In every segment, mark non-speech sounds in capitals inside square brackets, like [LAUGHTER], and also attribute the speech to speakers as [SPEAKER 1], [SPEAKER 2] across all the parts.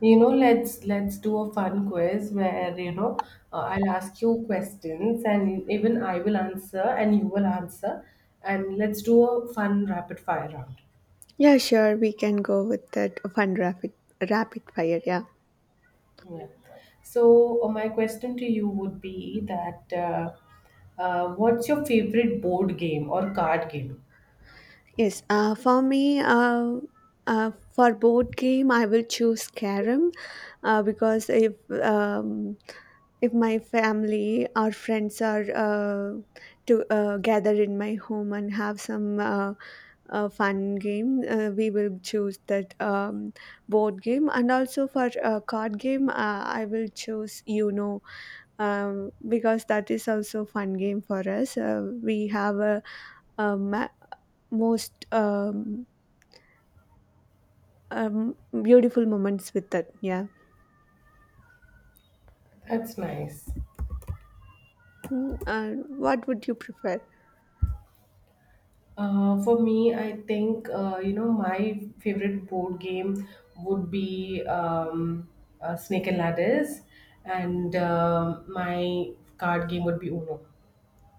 [SPEAKER 1] You know, let's do a fun quiz where, I'll ask you questions and even I will answer and you will answer and let's do a fun rapid fire round.
[SPEAKER 2] Yeah, sure. We can go with that fun rapid fire. Yeah.
[SPEAKER 1] Yeah. So, my question to you would be that, what's your favorite board game or card game?
[SPEAKER 2] Yes. For me, uh, for board game, I will choose Carom, because um, if my family or friends are to gather in my home and have some fun game, we will choose that board game. And also for card game, I will choose Uno because that is also fun game for us. We have a ma- most beautiful moments with that. Yeah.
[SPEAKER 1] That's nice.
[SPEAKER 2] Hmm, what would you prefer? [LAUGHS]
[SPEAKER 1] For me, I think, my favorite board game would be, Snake and Ladders, and my card game would be Uno.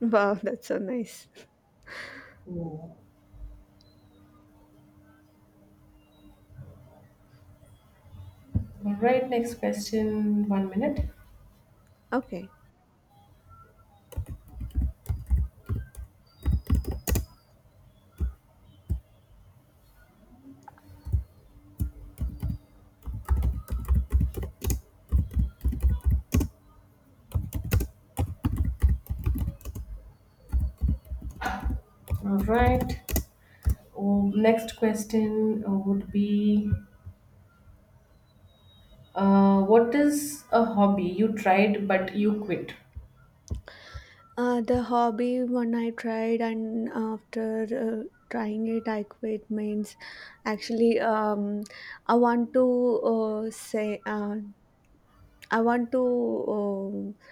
[SPEAKER 2] Wow, that's so nice.
[SPEAKER 1] Ooh. All right, next question. 1 minute.
[SPEAKER 2] Okay.
[SPEAKER 1] All right. Oh, next question would be, what is a hobby you tried but you quit?
[SPEAKER 2] The hobby one I tried and after trying it I quit means actually I want to uh, say uh, I want to uh,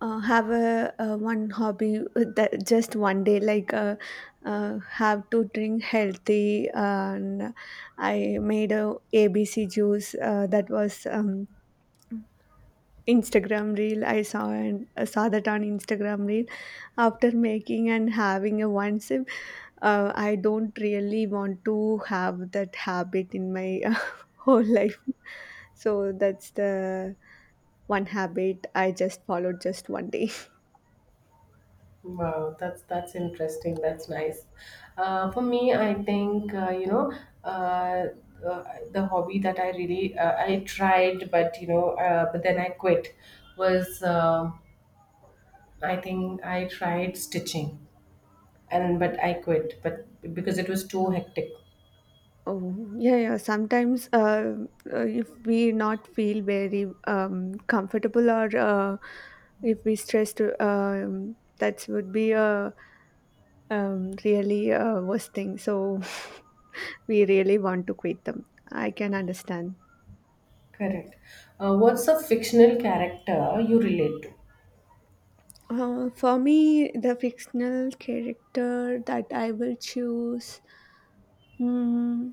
[SPEAKER 2] have a one hobby with that just one day like have to drink healthy, and I made a abc juice that was instagram reel I saw, and saw that on instagram reel. After making and having a one sip, I don't really want to have that habit in my [LAUGHS] whole life, so that's the one habit I just followed just one day.
[SPEAKER 1] Wow, that's interesting. That's nice. For me, I think, uh, uh, the hobby that I tried, but then I quit. Was, I think I tried stitching, and but I quit, but because it was too hectic.
[SPEAKER 2] Oh, yeah, yeah. Sometimes, if we not feel very comfortable or if we stressed, that would be a really worst thing. So [LAUGHS] we really want to quit them. I can understand.
[SPEAKER 1] Correct. What's a fictional character you relate
[SPEAKER 2] For me, the fictional character that I will choose. Hmm,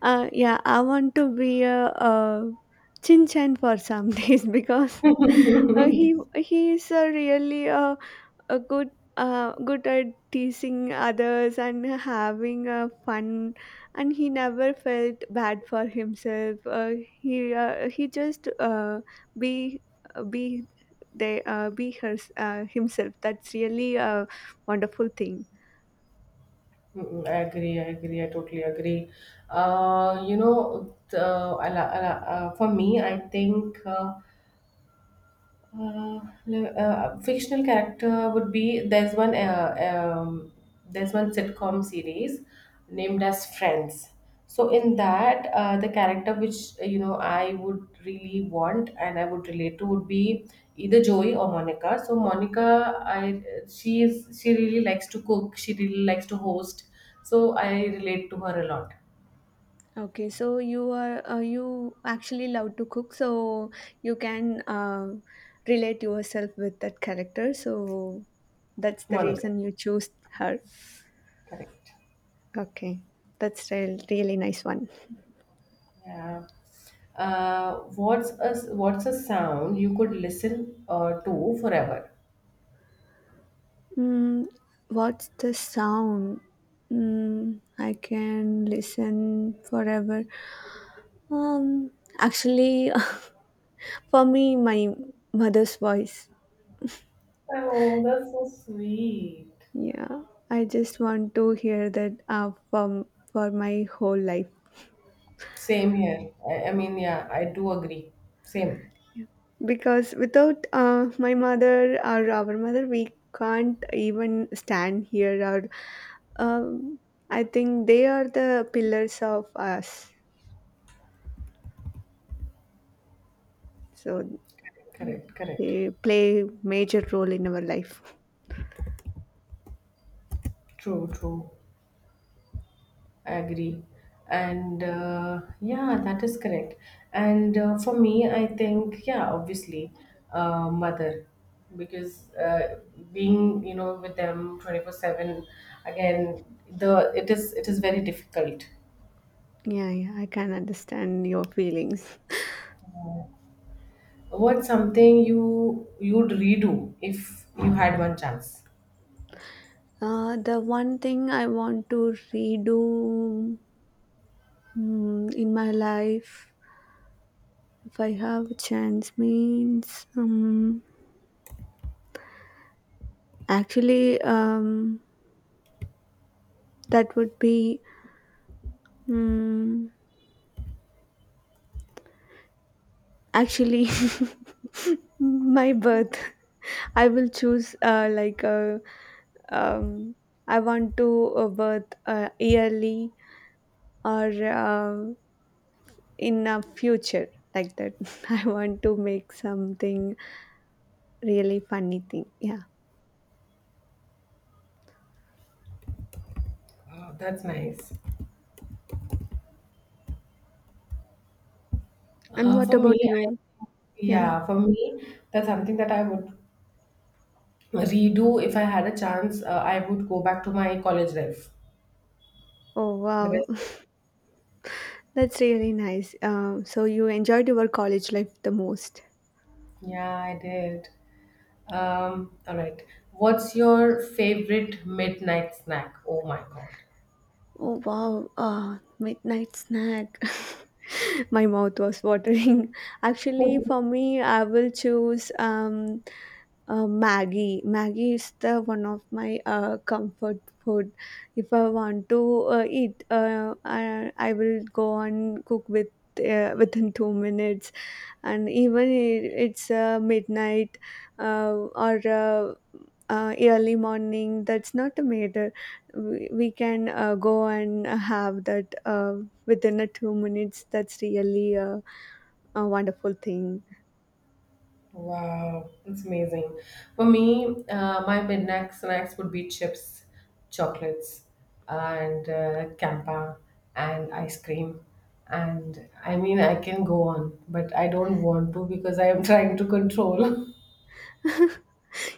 [SPEAKER 2] Yeah, I want to be Chin Chan for some [LAUGHS] days, because uh,
[SPEAKER 1] to?
[SPEAKER 2] he
[SPEAKER 1] [LAUGHS]
[SPEAKER 2] he is a really a good good at teasing others and having a fun, and he never felt bad for himself. He just be uh, be be himself. That's really a wonderful thing.
[SPEAKER 1] Mm, I agree. I agree. I totally agree. You know, the, I la- For me, I think, fictional character would be, there's one sitcom series named as Friends. So in that, the character which, I would really want and I would relate to would be either Joey or Monica. So Monica, I she is she really likes to cook. She really likes to host. So I relate to her a lot.
[SPEAKER 2] Okay, so you are you actually love to cook, so you can relate yourself with that character. So that's the
[SPEAKER 1] Monica,
[SPEAKER 2] reason you choose her.
[SPEAKER 1] correct.
[SPEAKER 2] Okay, that's really nice one.
[SPEAKER 1] Yeah. Uh, what's a sound you could listen to forever?
[SPEAKER 2] Mm, what's the sound? Mm, I can listen forever. Um, Actually, [LAUGHS] for me, my mother's voice.
[SPEAKER 1] Oh, that's so sweet.
[SPEAKER 2] Yeah, I just want to hear that from for my whole life,
[SPEAKER 1] Same here. I mean, yeah, I do agree. Same.
[SPEAKER 2] because without my mother or our mother, we can't even stand here. Or um, I think they are the pillars of us, so
[SPEAKER 1] Correct, correct.
[SPEAKER 2] they play major role in our life.
[SPEAKER 1] True, true. I agree. And yeah, that is correct. And for me, I think, yeah, obviously, mother, because, being, with them 24/7, again, the it is very difficult.
[SPEAKER 2] Yeah, yeah, I can understand your feelings.
[SPEAKER 1] What's something you'd redo if you had one chance?
[SPEAKER 2] The one thing I want to redo in my life. If I have a chance means actually that would be um, actually [LAUGHS] my birth. I will choose like um, I want to birth yearly or in a future like that. [LAUGHS] I want to make something really funny thing. Yeah.
[SPEAKER 1] Oh, that's nice.
[SPEAKER 2] And
[SPEAKER 1] Uh,
[SPEAKER 2] what
[SPEAKER 1] for me,
[SPEAKER 2] about you?
[SPEAKER 1] I,
[SPEAKER 2] Yeah.
[SPEAKER 1] yeah, for me, that's something that I would redo, if I had a chance. I would go back to my college life.
[SPEAKER 2] Oh
[SPEAKER 1] The
[SPEAKER 2] wow.
[SPEAKER 1] best days.
[SPEAKER 2] That's really nice. So you enjoyed your college life the most.
[SPEAKER 1] Yeah, I did. All right. What's your favorite midnight snack? Oh my God.
[SPEAKER 2] Oh wow, midnight snack. [LAUGHS] My mouth was watering. [LAUGHS] Actually, for
[SPEAKER 1] [LAUGHS]
[SPEAKER 2] me, I will choose Maggie. Maggie is the one of my comfort food. If I want to eat, I will go and cook with within 2 minutes. And even it's midnight uh, or early morning, that's not a matter. We can go and have that within a 2 minutes. That's really a wonderful thing.
[SPEAKER 1] Wow, it's amazing. For me, my midnight snacks would be chips, chocolates, and campa, and ice cream. And I mean, I can go on, but I don't want to because I am [LAUGHS] trying to control. [LAUGHS]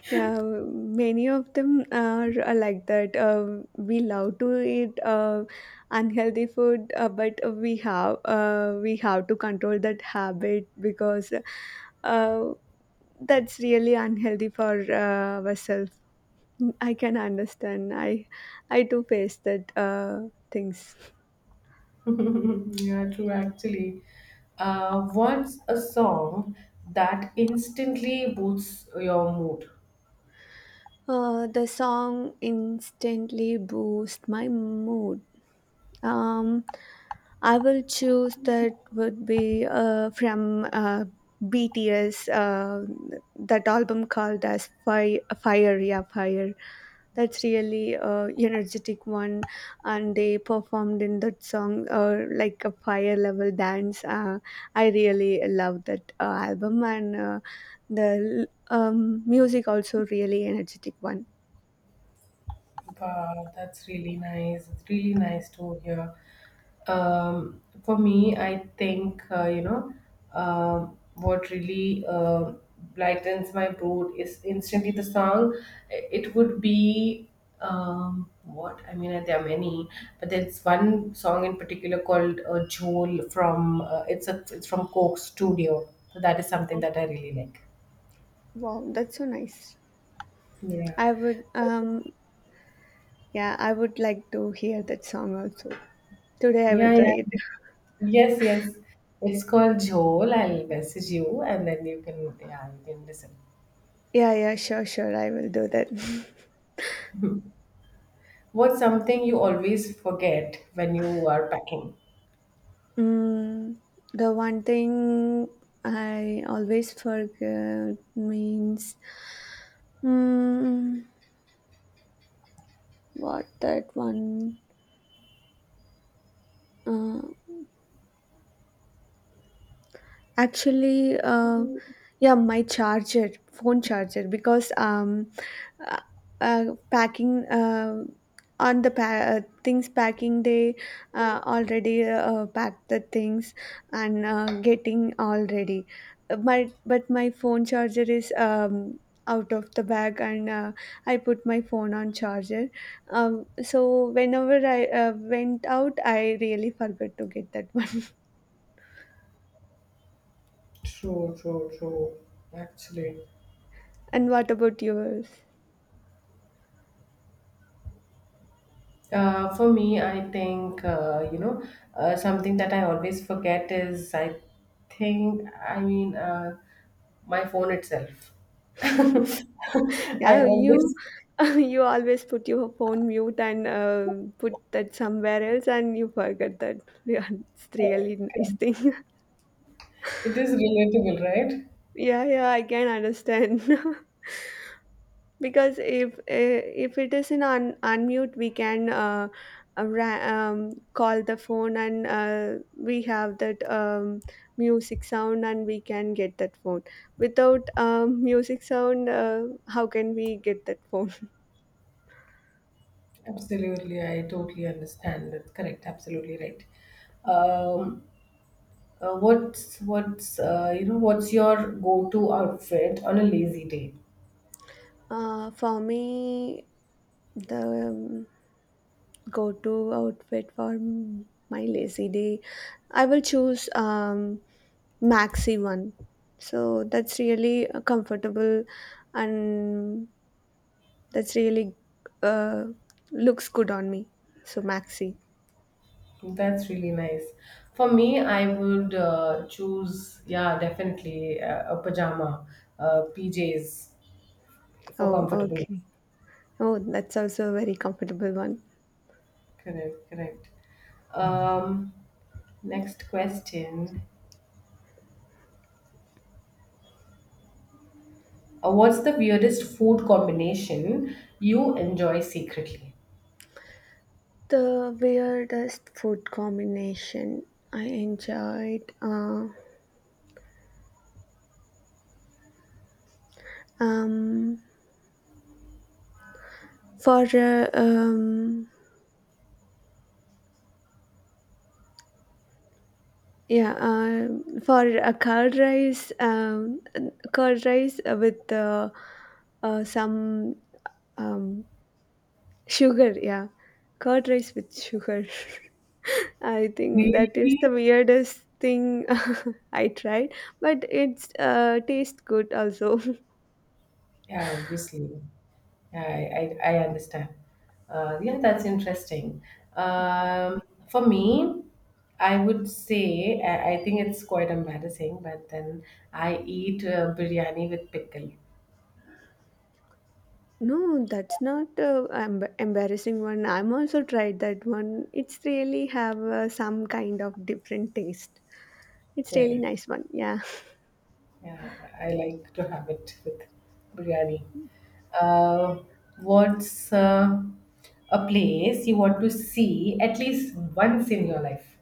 [SPEAKER 2] Yeah, many of them are like that. We love to eat unhealthy food, but we have to control that habit, because uh, that's really unhealthy for ourselves. I can understand. I too face that things.
[SPEAKER 1] [LAUGHS] Yeah, true, actually. What's a song that instantly boosts your mood?
[SPEAKER 2] Uh, the song instantly boosts my mood. Um, I will choose that would be from BTS, that album called as Fire. That's really energetic one, and they performed in that song like a fire level dance. I really love that album, and the music also really energetic one.
[SPEAKER 1] Wow, that's really nice. It's really nice to hear. For me, I think, what really lightens my mood is instantly the song. It would be, what I mean. There are many, but there's one song in particular called "Joel" from it's from Coke Studio. So that is something
[SPEAKER 2] Oh,
[SPEAKER 1] that I really like.
[SPEAKER 2] wow, that's so nice.
[SPEAKER 1] Yeah,
[SPEAKER 2] I would yeah, I would like to hear that song also. Today I will
[SPEAKER 1] yeah,
[SPEAKER 2] try
[SPEAKER 1] yeah.
[SPEAKER 2] it. [LAUGHS]
[SPEAKER 1] Yes, yes. It's called Jhol. I'll message you and then you can yeah, you can listen.
[SPEAKER 2] Yeah, yeah, sure, sure, I will do that. [LAUGHS]
[SPEAKER 1] What's something you always forget when you are packing?
[SPEAKER 2] Mm, the one thing I always forget means mm, what that one. Uh, Actually, uh, yeah, my phone charger, because uh, uh, packing things packing, day, already packed the things, and getting already. My phone charger is out of the bag, and I put my phone on charger. So whenever I went out, I really forgot to get that one.
[SPEAKER 1] True, true, true. Actually.
[SPEAKER 2] [LAUGHS] And what about yours?
[SPEAKER 1] For me, I think, something that I always forget is I think I mean, my phone itself. [LAUGHS] I
[SPEAKER 2] Yeah, you
[SPEAKER 1] always
[SPEAKER 2] [LAUGHS] you always put your phone mute and put that somewhere else, and you forget that. [LAUGHS] Yeah, it's
[SPEAKER 1] forget.
[SPEAKER 2] really nice thing.
[SPEAKER 1] It is relatable, right?
[SPEAKER 2] [LAUGHS] Yeah, yeah, I can understand [LAUGHS] because if it is in unmute, we can call the phone, and we have that music sound, and we can get that phone. Without music sound, how can we get that phone? [LAUGHS]
[SPEAKER 1] Absolutely, I totally understand. That's correct. Absolutely right. Um, what's your go-to outfit on a lazy day?
[SPEAKER 2] For me. The go-to outfit for my lazy day, I will choose maxi one. So that's really comfortable, and that's really uh, looks good on me. So maxi.
[SPEAKER 1] That's really nice. For me, I would choose, yeah, definitely, a pajama, PJs for
[SPEAKER 2] Oh
[SPEAKER 1] comfortable.
[SPEAKER 2] okay, oh that's also a very comfortable one.
[SPEAKER 1] Correct, correct. Um, Next question. What's the weirdest food combination you enjoy secretly?
[SPEAKER 2] The weirdest food combination I enjoyed um for Yeah, for a curd rice with some um, sugar. Yeah, curd rice with sugar. [LAUGHS] I think that is
[SPEAKER 1] Really?
[SPEAKER 2] the weirdest thing. [LAUGHS] I tried, but it's tastes good also. [LAUGHS]
[SPEAKER 1] Yeah, obviously. Yeah, I understand. Yeah, that's interesting. Um, for me, I would say, I think it's quite embarrassing, but then I eat biryani with pickle.
[SPEAKER 2] No, that's not embarrassing one. I'm also tried that one. It's really have some kind of different taste. It's really
[SPEAKER 1] Correct.
[SPEAKER 2] nice one. Yeah.
[SPEAKER 1] Yeah, I like to have it with biryani. Uh, what's a place you want to see at least once in your life?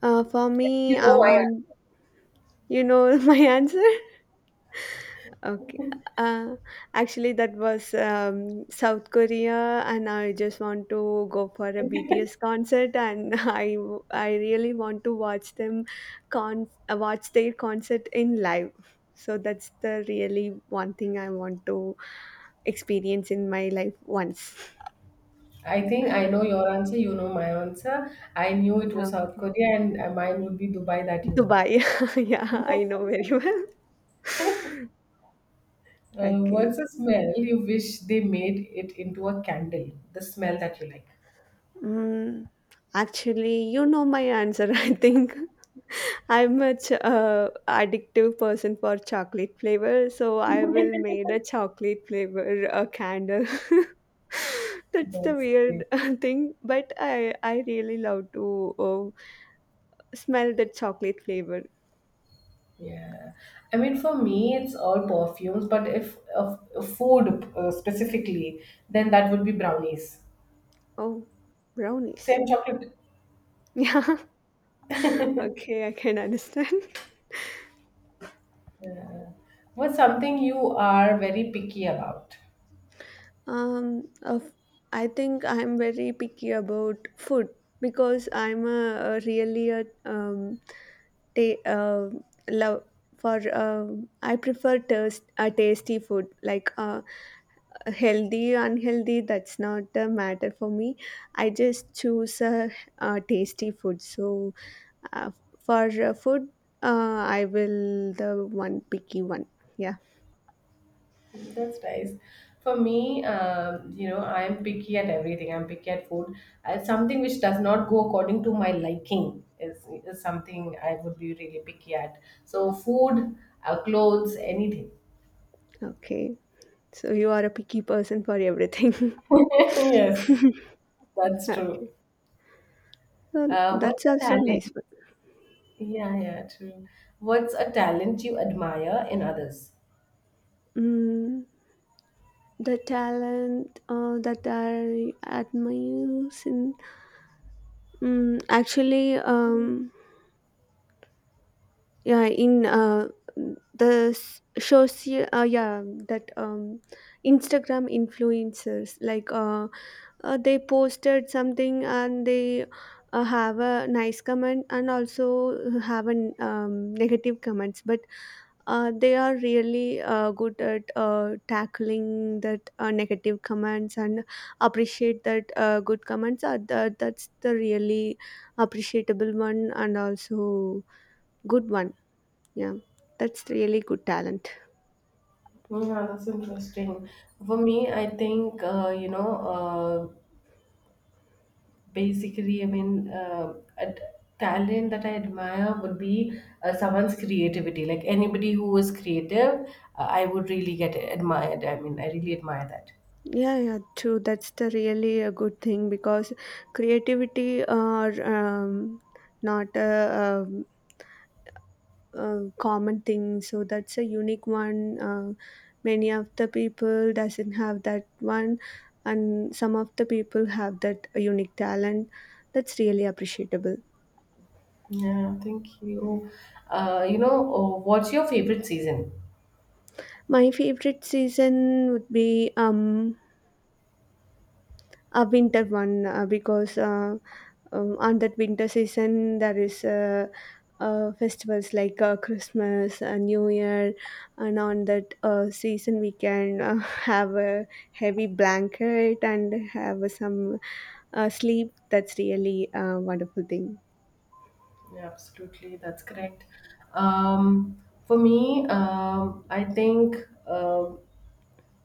[SPEAKER 2] For me,
[SPEAKER 1] You know
[SPEAKER 2] I
[SPEAKER 1] why.
[SPEAKER 2] want you know [LAUGHS] my answer. Okay. Uh, Actually, that was South Korea, and I just want to go for a BTS concert, and [LAUGHS] I really want to watch them, con watch their concert in live. So that's the really one thing I want to experience in my life once.
[SPEAKER 1] I think I know your answer, you know my answer. I knew it was South
[SPEAKER 2] Okay,
[SPEAKER 1] Korea, and mine would be Dubai, that you know.
[SPEAKER 2] Dubai. [LAUGHS] Yeah, I know very well. [LAUGHS]
[SPEAKER 1] What's
[SPEAKER 2] Okay.
[SPEAKER 1] the smell you wish they made it into a candle? The smell that you like.
[SPEAKER 2] Mm, actually, you know my answer, [LAUGHS] I think. I'm a addictive person for chocolate flavor, so I will made a chocolate flavor a candle. [LAUGHS]
[SPEAKER 1] [LAUGHS]
[SPEAKER 2] That's the
[SPEAKER 1] That's
[SPEAKER 2] weird
[SPEAKER 1] great.
[SPEAKER 2] [LAUGHS] thing, but I really love to oh, smell the chocolate flavor.
[SPEAKER 1] Yeah. I mean, for me, it's all perfumes, but if of food specifically, then that would be brownies.
[SPEAKER 2] Oh, brownies.
[SPEAKER 1] Same
[SPEAKER 2] [LAUGHS]
[SPEAKER 1] chocolate.
[SPEAKER 2] Yeah. Okay, I can understand.
[SPEAKER 1] What's something you are very picky about?
[SPEAKER 2] Of, I think I'm very picky about food, because I'm a really ta- uh, love for I prefer taste a tasty food, like healthy unhealthy, that's not the matter for me. I just choose a tasty food. So uh, for food, I will the one picky one. Yeah.
[SPEAKER 1] That's nice. For me, I'm picky at everything. I'm picky at food. Something which does not go according to my liking is something I would be really picky at. So, food, clothes, anything.
[SPEAKER 2] Okay. So you are a picky person for everything. [LAUGHS]
[SPEAKER 1] [LAUGHS] Yes, that's true.
[SPEAKER 2] Okay. So
[SPEAKER 1] What's
[SPEAKER 2] that's
[SPEAKER 1] a
[SPEAKER 2] also
[SPEAKER 1] talent?
[SPEAKER 2] nice one.
[SPEAKER 1] Yeah, yeah, true. What's a talent you admire in others?
[SPEAKER 2] Mm, the talent that I admire in mm, actually yeah in the s- shows you- yeah that instagram influencers like they posted something, and they have a nice comment and also have an negative comments, but they are really good at tackling that negative comments and appreciate that good comments are that that's the really appreciable one, and also good one, yeah, that's really good talent.
[SPEAKER 1] Yeah, that's interesting. For me, I think, basically I mean talent that I admire would be someone's creativity, like anybody who is creative. I would really get admired. I mean, I really admire that.
[SPEAKER 2] Yeah, yeah, true. That's the really a good thing, because creativity are not a common thing. So that's a unique one. Many of the people doesn't have that one, and some of the people have that unique talent. That's really appreciable.
[SPEAKER 1] Yeah, thank you. You know what's your favorite season?
[SPEAKER 2] My favorite season would be um a winter one because on that winter season there is festivals like Christmas, New Year, and on that season we can [LAUGHS] have a heavy blanket and have some sleep. That's really a wonderful thing.
[SPEAKER 1] Yeah, absolutely, that's correct. um, for me, I think, um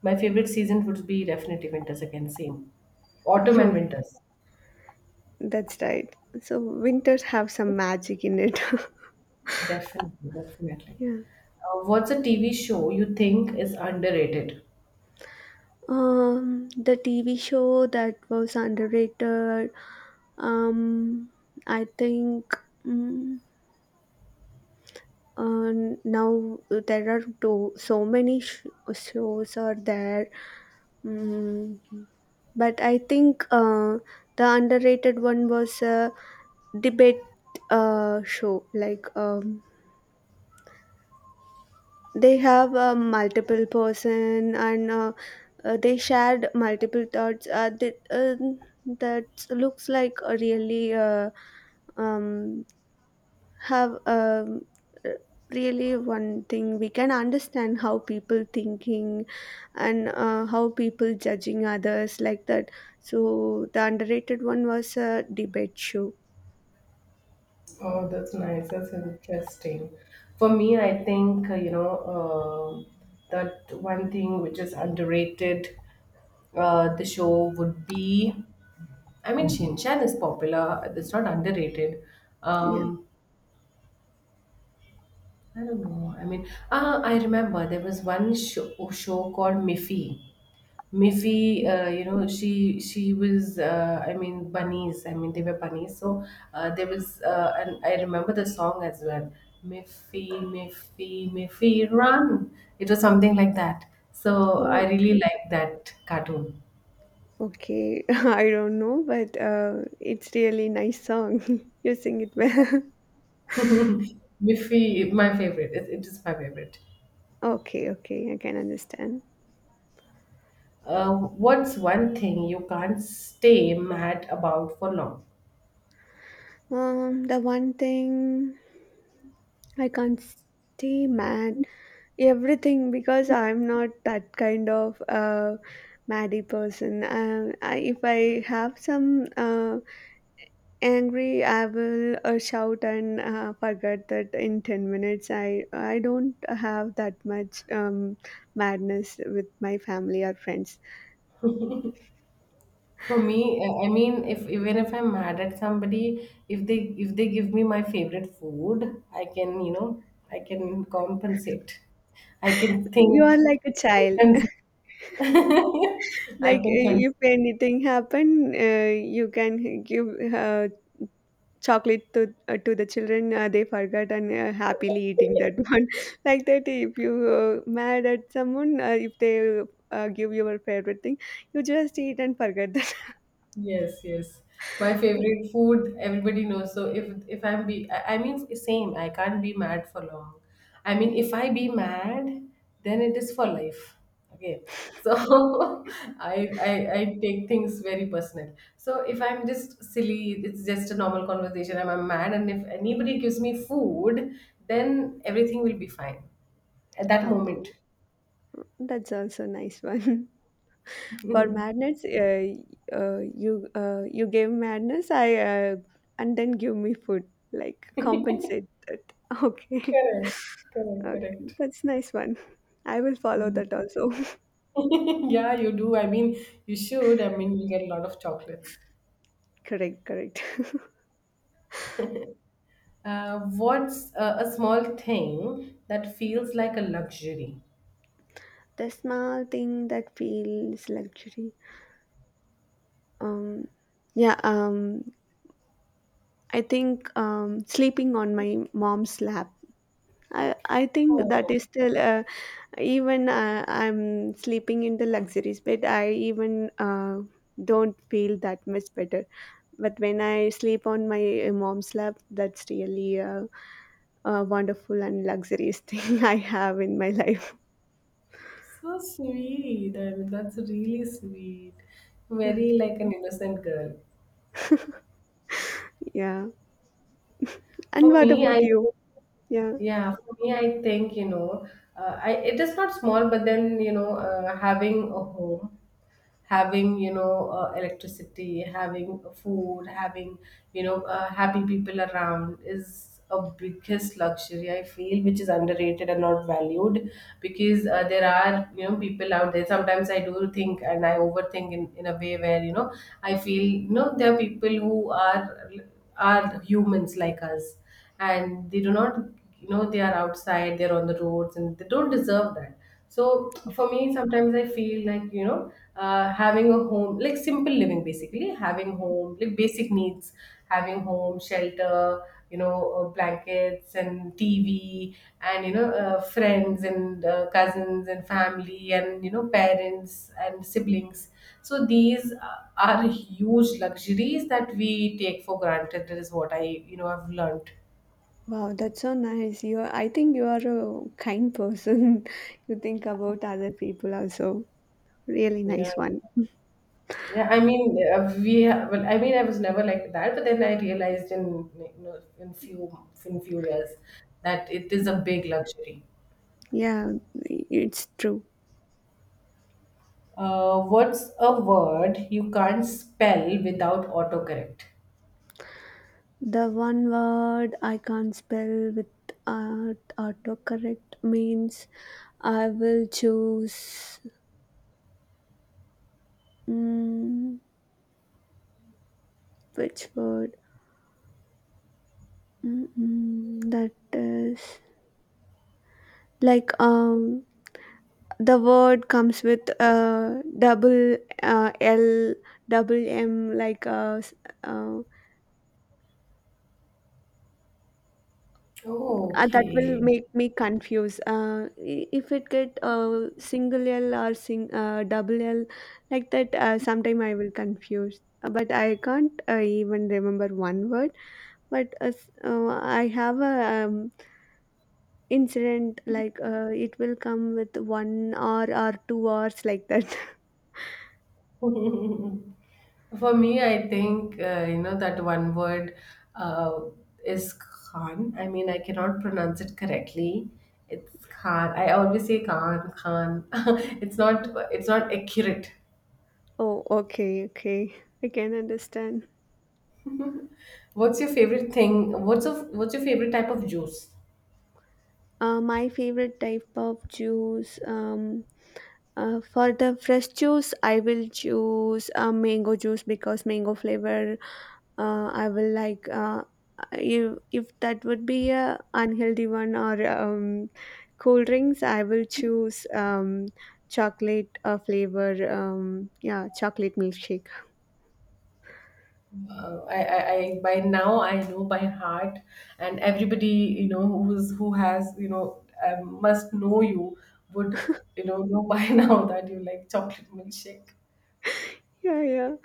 [SPEAKER 1] my favorite season would be definitely winters, again, same, autumn and
[SPEAKER 2] [LAUGHS]
[SPEAKER 1] winters.
[SPEAKER 2] That's right. So winters have some magic in it.
[SPEAKER 1] Definitely, definitely.
[SPEAKER 2] [LAUGHS] Yeah.
[SPEAKER 1] What's a TV show you think is underrated?
[SPEAKER 2] The TV show that was underrated. Um, I think mm, uh, Now there are so many shows are there, mm, but I think the underrated one was a debate show. Like they have a multiple person, and they shared multiple thoughts that looks like a really um, have uh, really one thing we can understand how people thinking, and how people judging others like that. So the underrated one was a debate show.
[SPEAKER 1] Oh, that's nice. That's interesting. For me, I think, that one thing which is underrated, the show would be. I mean, Shin Chan is popular. It's not underrated.
[SPEAKER 2] Yeah.
[SPEAKER 1] Um, I don't know. I mean, I remember there was one show called Miffy. Miffy, she was, I mean, bunnies. I mean, they were bunnies. So there was, and I remember the song as well. Miffy, Miffy, Miffy, run! It was something like that. So
[SPEAKER 2] Oh,
[SPEAKER 1] I really liked that cartoon.
[SPEAKER 2] okay, [LAUGHS] I don't know, but it's really nice song. [LAUGHS] You sing it well.
[SPEAKER 1] [LAUGHS] Miffy, my favorite. It is my favorite.
[SPEAKER 2] [LAUGHS] Okay, okay, I can understand.
[SPEAKER 1] Uh, what's one thing you can't stay mad about for long?
[SPEAKER 2] The one thing I can't stay mad everything, because I'm not that kind of maddy person. I, if I have some angry, I will shout and forget that in 10 minutes. I don't have that much madness with my family or friends.
[SPEAKER 1] For me, I mean, if even if I'm mad at somebody, if they give me my favorite food, I can compensate. I can
[SPEAKER 2] You
[SPEAKER 1] think.
[SPEAKER 2] are like a
[SPEAKER 1] I
[SPEAKER 2] child.
[SPEAKER 1] can cons- [LAUGHS] I
[SPEAKER 2] Like
[SPEAKER 1] can
[SPEAKER 2] if
[SPEAKER 1] consider.
[SPEAKER 2] anything happen, you can give uh, chocolate to the children. They forgot and happily eating that [LAUGHS] one. Like that, if you mad at someone, if they give your favorite thing, you just eat and forget that.
[SPEAKER 1] Yes, yes. My favorite food, everybody knows. So if I'm be, I mean same. I can't be mad for long. I mean, if I be mad, then it is for life. Okay. So [LAUGHS] I take things very personal. So if I'm just silly, it's just a normal conversation. I'm mad, and if anybody gives me food, then everything will be fine at
[SPEAKER 2] [LAUGHS]
[SPEAKER 1] that
[SPEAKER 2] Okay,
[SPEAKER 1] moment.
[SPEAKER 2] that's also nice one. [LAUGHS] For madness, you you gave madness. I And then give me food. Like compensate that. [LAUGHS] Okay.
[SPEAKER 1] Correct. Correct.
[SPEAKER 2] Okay,
[SPEAKER 1] Correct.
[SPEAKER 2] that's nice one. I will follow that also.
[SPEAKER 1] [LAUGHS] Yeah, you do. I mean, you should. I mean, you get a lot of chocolates.
[SPEAKER 2] [LAUGHS] Correct, correct.
[SPEAKER 1] What's a small thing that feels like a luxury?
[SPEAKER 2] [LAUGHS] The small thing that feels luxury. Um, yeah. I think sleeping on my mom's lap. I think that
[SPEAKER 1] Oh,
[SPEAKER 2] is still even I'm sleeping in the luxuries bed. I even don't feel that much better. But when I sleep on my mom's lap, that's a wonderful and luxurious [LAUGHS] thing I have in my life.
[SPEAKER 1] so sweet. I mean, that's really sweet. Very like an innocent girl.
[SPEAKER 2] Yeah. And
[SPEAKER 1] For
[SPEAKER 2] what
[SPEAKER 1] me,
[SPEAKER 2] about
[SPEAKER 1] I
[SPEAKER 2] you? Yeah.
[SPEAKER 1] yeah, for me, I think, you know, I it is not small, but then having a home, having electricity, having food, having happy people around is a biggest luxury I feel, which is underrated and not valued, because there are, people out there. Sometimes I do think, and I overthink in a way where, I feel, there are people who are humans like us, and they do not, they are outside, they're on the roads, and they don't deserve that. So for me, sometimes I feel like having a home, like simple living, basically having home like basic needs, having home shelter, blankets and TV, and friends, and cousins and family, and parents and siblings. So these are huge luxuries that we take for granted. That is what I you know I've learned.
[SPEAKER 2] Wow, that's so nice. You are, I think you are a kind person. [LAUGHS] You think about other people also. Really
[SPEAKER 1] Yeah,
[SPEAKER 2] nice one.
[SPEAKER 1] yeah. I mean, well, I mean, I was never like that, but then I realized in like, in few years that it is a big luxury.
[SPEAKER 2] Yeah, it's true.
[SPEAKER 1] What's a word you can't spell without autocorrect?
[SPEAKER 2] The one word I can't spell with art, autocorrect means I will choose. Mm, which word? Mm-mm, that is like the word comes with double L, double M, like uh,
[SPEAKER 1] Oh,
[SPEAKER 2] that will
[SPEAKER 1] okay.
[SPEAKER 2] make me confuse. If it get single L or sing double L, like that, sometime I will confuse. But I can't even remember one word. But I have a incident like it will come with one hour or 2 hours like that.
[SPEAKER 1] [LAUGHS] For me, I think that one word uh, is Khan. I mean, I cannot pronounce it correctly. It's Khan. I always say Khan, Khan. [LAUGHS] It's not accurate.
[SPEAKER 2] [LAUGHS] Oh, okay, okay, I can understand.
[SPEAKER 1] What's your favorite thing? What's your favorite type of juice?
[SPEAKER 2] My favorite type of juice. For the fresh juice, I will choose mango juice because mango flavor. I will like if that would be a unhealthy one or cool drinks. I will choose chocolate flavor. Yeah, chocolate milkshake.
[SPEAKER 1] I by now I know by heart, and everybody, you know, who has, must know, you would know by [LAUGHS] now that you like chocolate milkshake.
[SPEAKER 2] Yeah, yeah.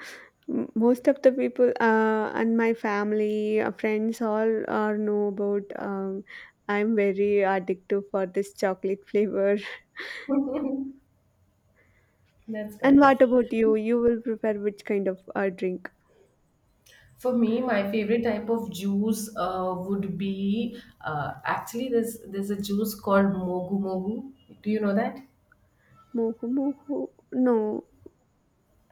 [SPEAKER 2] Most of the people and my family friends all are know about I'm very addictive for this chocolate flavor.
[SPEAKER 1] [LAUGHS] That's
[SPEAKER 2] [LAUGHS] And
[SPEAKER 1] nice.
[SPEAKER 2] what about you, you will prefer which kind of drink?
[SPEAKER 1] For me, my favorite type of juice would be actually, there's a juice called mogu mogu. Do you know that?
[SPEAKER 2] Moho moho, no.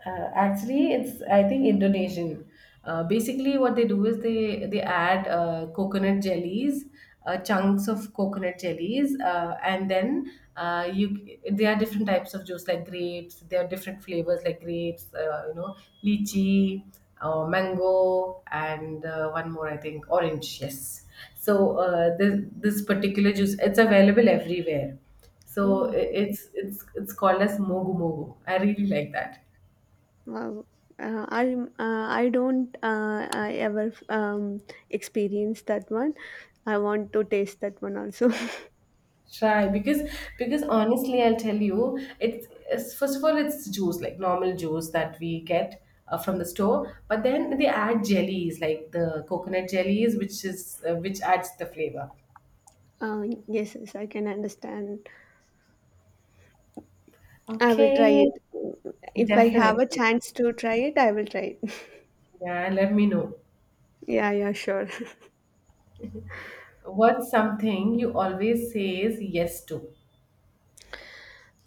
[SPEAKER 1] Actually, it's I think Indonesian. Basically, what they do is they add coconut jellies, chunks of coconut jellies, and then you there are different types of juice like grapes. There are different flavors like grapes, lychee, mango, and one more I think orange. Yes. So this particular juice, it's available everywhere. So
[SPEAKER 2] Oh
[SPEAKER 1] it's called as mogu mogu. I really like that.
[SPEAKER 2] wow. I don't I ever experience that one. I want to taste that one also.
[SPEAKER 1] Try, because honestly, I'll tell you, it's first of all it's juice like normal juice that we get from the store, but then they add jellies like the coconut jellies, which adds the flavor.
[SPEAKER 2] [LAUGHS] Yes, yes, I can understand. I will try
[SPEAKER 1] Okay,
[SPEAKER 2] it. If I have a
[SPEAKER 1] definitely.
[SPEAKER 2] chance to try it, I will try it. [LAUGHS]
[SPEAKER 1] Yeah, let me know.
[SPEAKER 2] Yeah, yeah, sure.
[SPEAKER 1] What's something you always says yes to?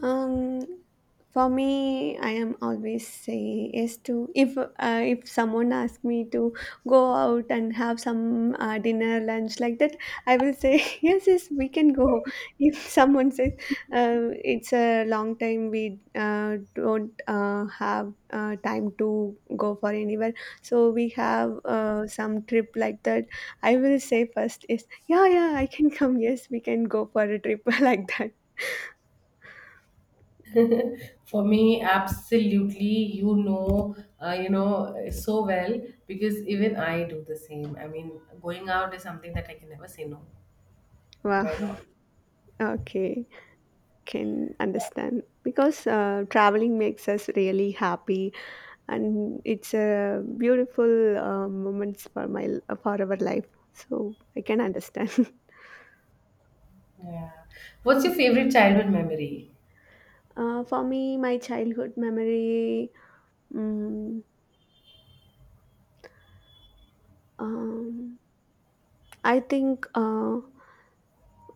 [SPEAKER 2] Um, for me, I am always say yes to if someone asks me to go out and have some dinner, lunch like that, I will say [LAUGHS] yes, yes, we can go. [LAUGHS] If someone says it's a long time, we don't have time to go for anywhere, so we have some trip like that. I will say first is yeah, yeah, I can [LAUGHS] come. Yes, we can go for a trip [LAUGHS] like that.
[SPEAKER 1] For me, absolutely, you know so well, because even I do the same. I mean, going out is something that I can never say no.
[SPEAKER 2] Wow.
[SPEAKER 1] By
[SPEAKER 2] [LAUGHS]
[SPEAKER 1] rock.
[SPEAKER 2] Okay. Can understand because traveling makes us really happy, and it's a beautiful moments for my for our life, so I can understand.
[SPEAKER 1] Yeah. What's your favorite childhood memory?
[SPEAKER 2] [LAUGHS] For me, my childhood memory, mm, um, I think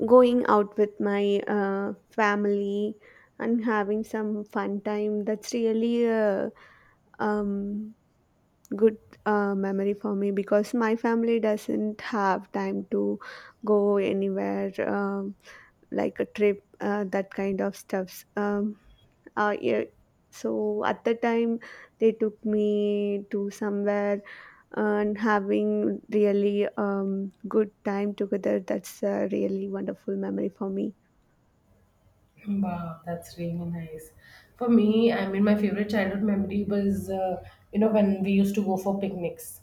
[SPEAKER 2] going out with my family and having some fun time, that's really a um, good memory for me because my family doesn't have time to go anywhere, like a trip that kind of stuffs. Yeah. So at the time they took me to somewhere and having really good time together, that's a really wonderful memory for me.
[SPEAKER 1] Wow, that's really nice. For me, I mean, my favorite childhood memory was, when we used to go for picnics.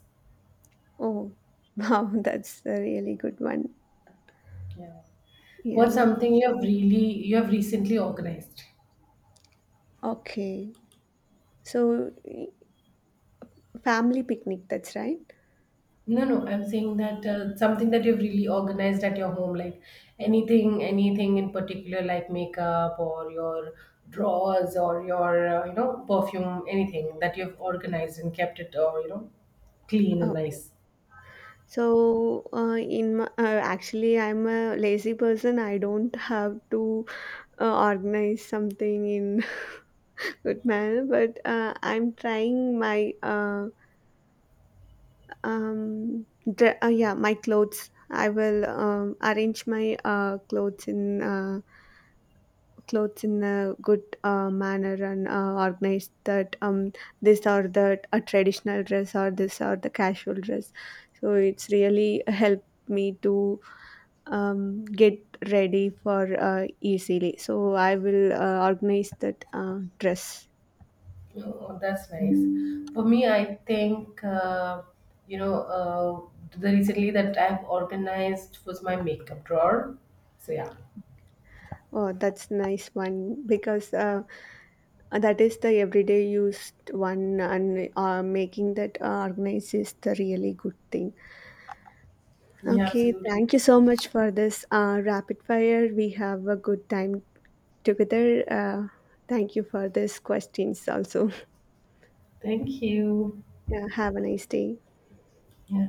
[SPEAKER 2] Oh [LAUGHS] wow, that's a really good one.
[SPEAKER 1] Yeah. What's
[SPEAKER 2] Yeah.
[SPEAKER 1] something you have recently organized?
[SPEAKER 2] Okay, so family picnic, that's right.
[SPEAKER 1] No, no, I'm saying that something that you've really organized at your home, like anything, anything in particular, like makeup or your drawers or your, perfume, anything that you've organized and kept it, or clean and
[SPEAKER 2] Oh.
[SPEAKER 1] nice.
[SPEAKER 2] So, actually, I'm a lazy person. I don't have to organize something in [LAUGHS] good manner, but I'm trying my um, yeah, my clothes. I will arrange my clothes in a good manner, and organize that, this or that a traditional dress or this or the casual dress. So it's really helped me to get ready for easily. So I will organize that dress.
[SPEAKER 1] Oh, that's nice. For me, I think you know uh, the recently that I've organized was my makeup drawer. So yeah,
[SPEAKER 2] Oh, that's nice one because that is the everyday used one, and making that organized is the really good thing.
[SPEAKER 1] yeah,
[SPEAKER 2] Okay,
[SPEAKER 1] absolutely.
[SPEAKER 2] thank you so much for this rapid fire. We have a good time together. Thank you for these questions also. [LAUGHS]
[SPEAKER 1] Thank you.
[SPEAKER 2] Yeah, have a nice day.
[SPEAKER 1] Yeah.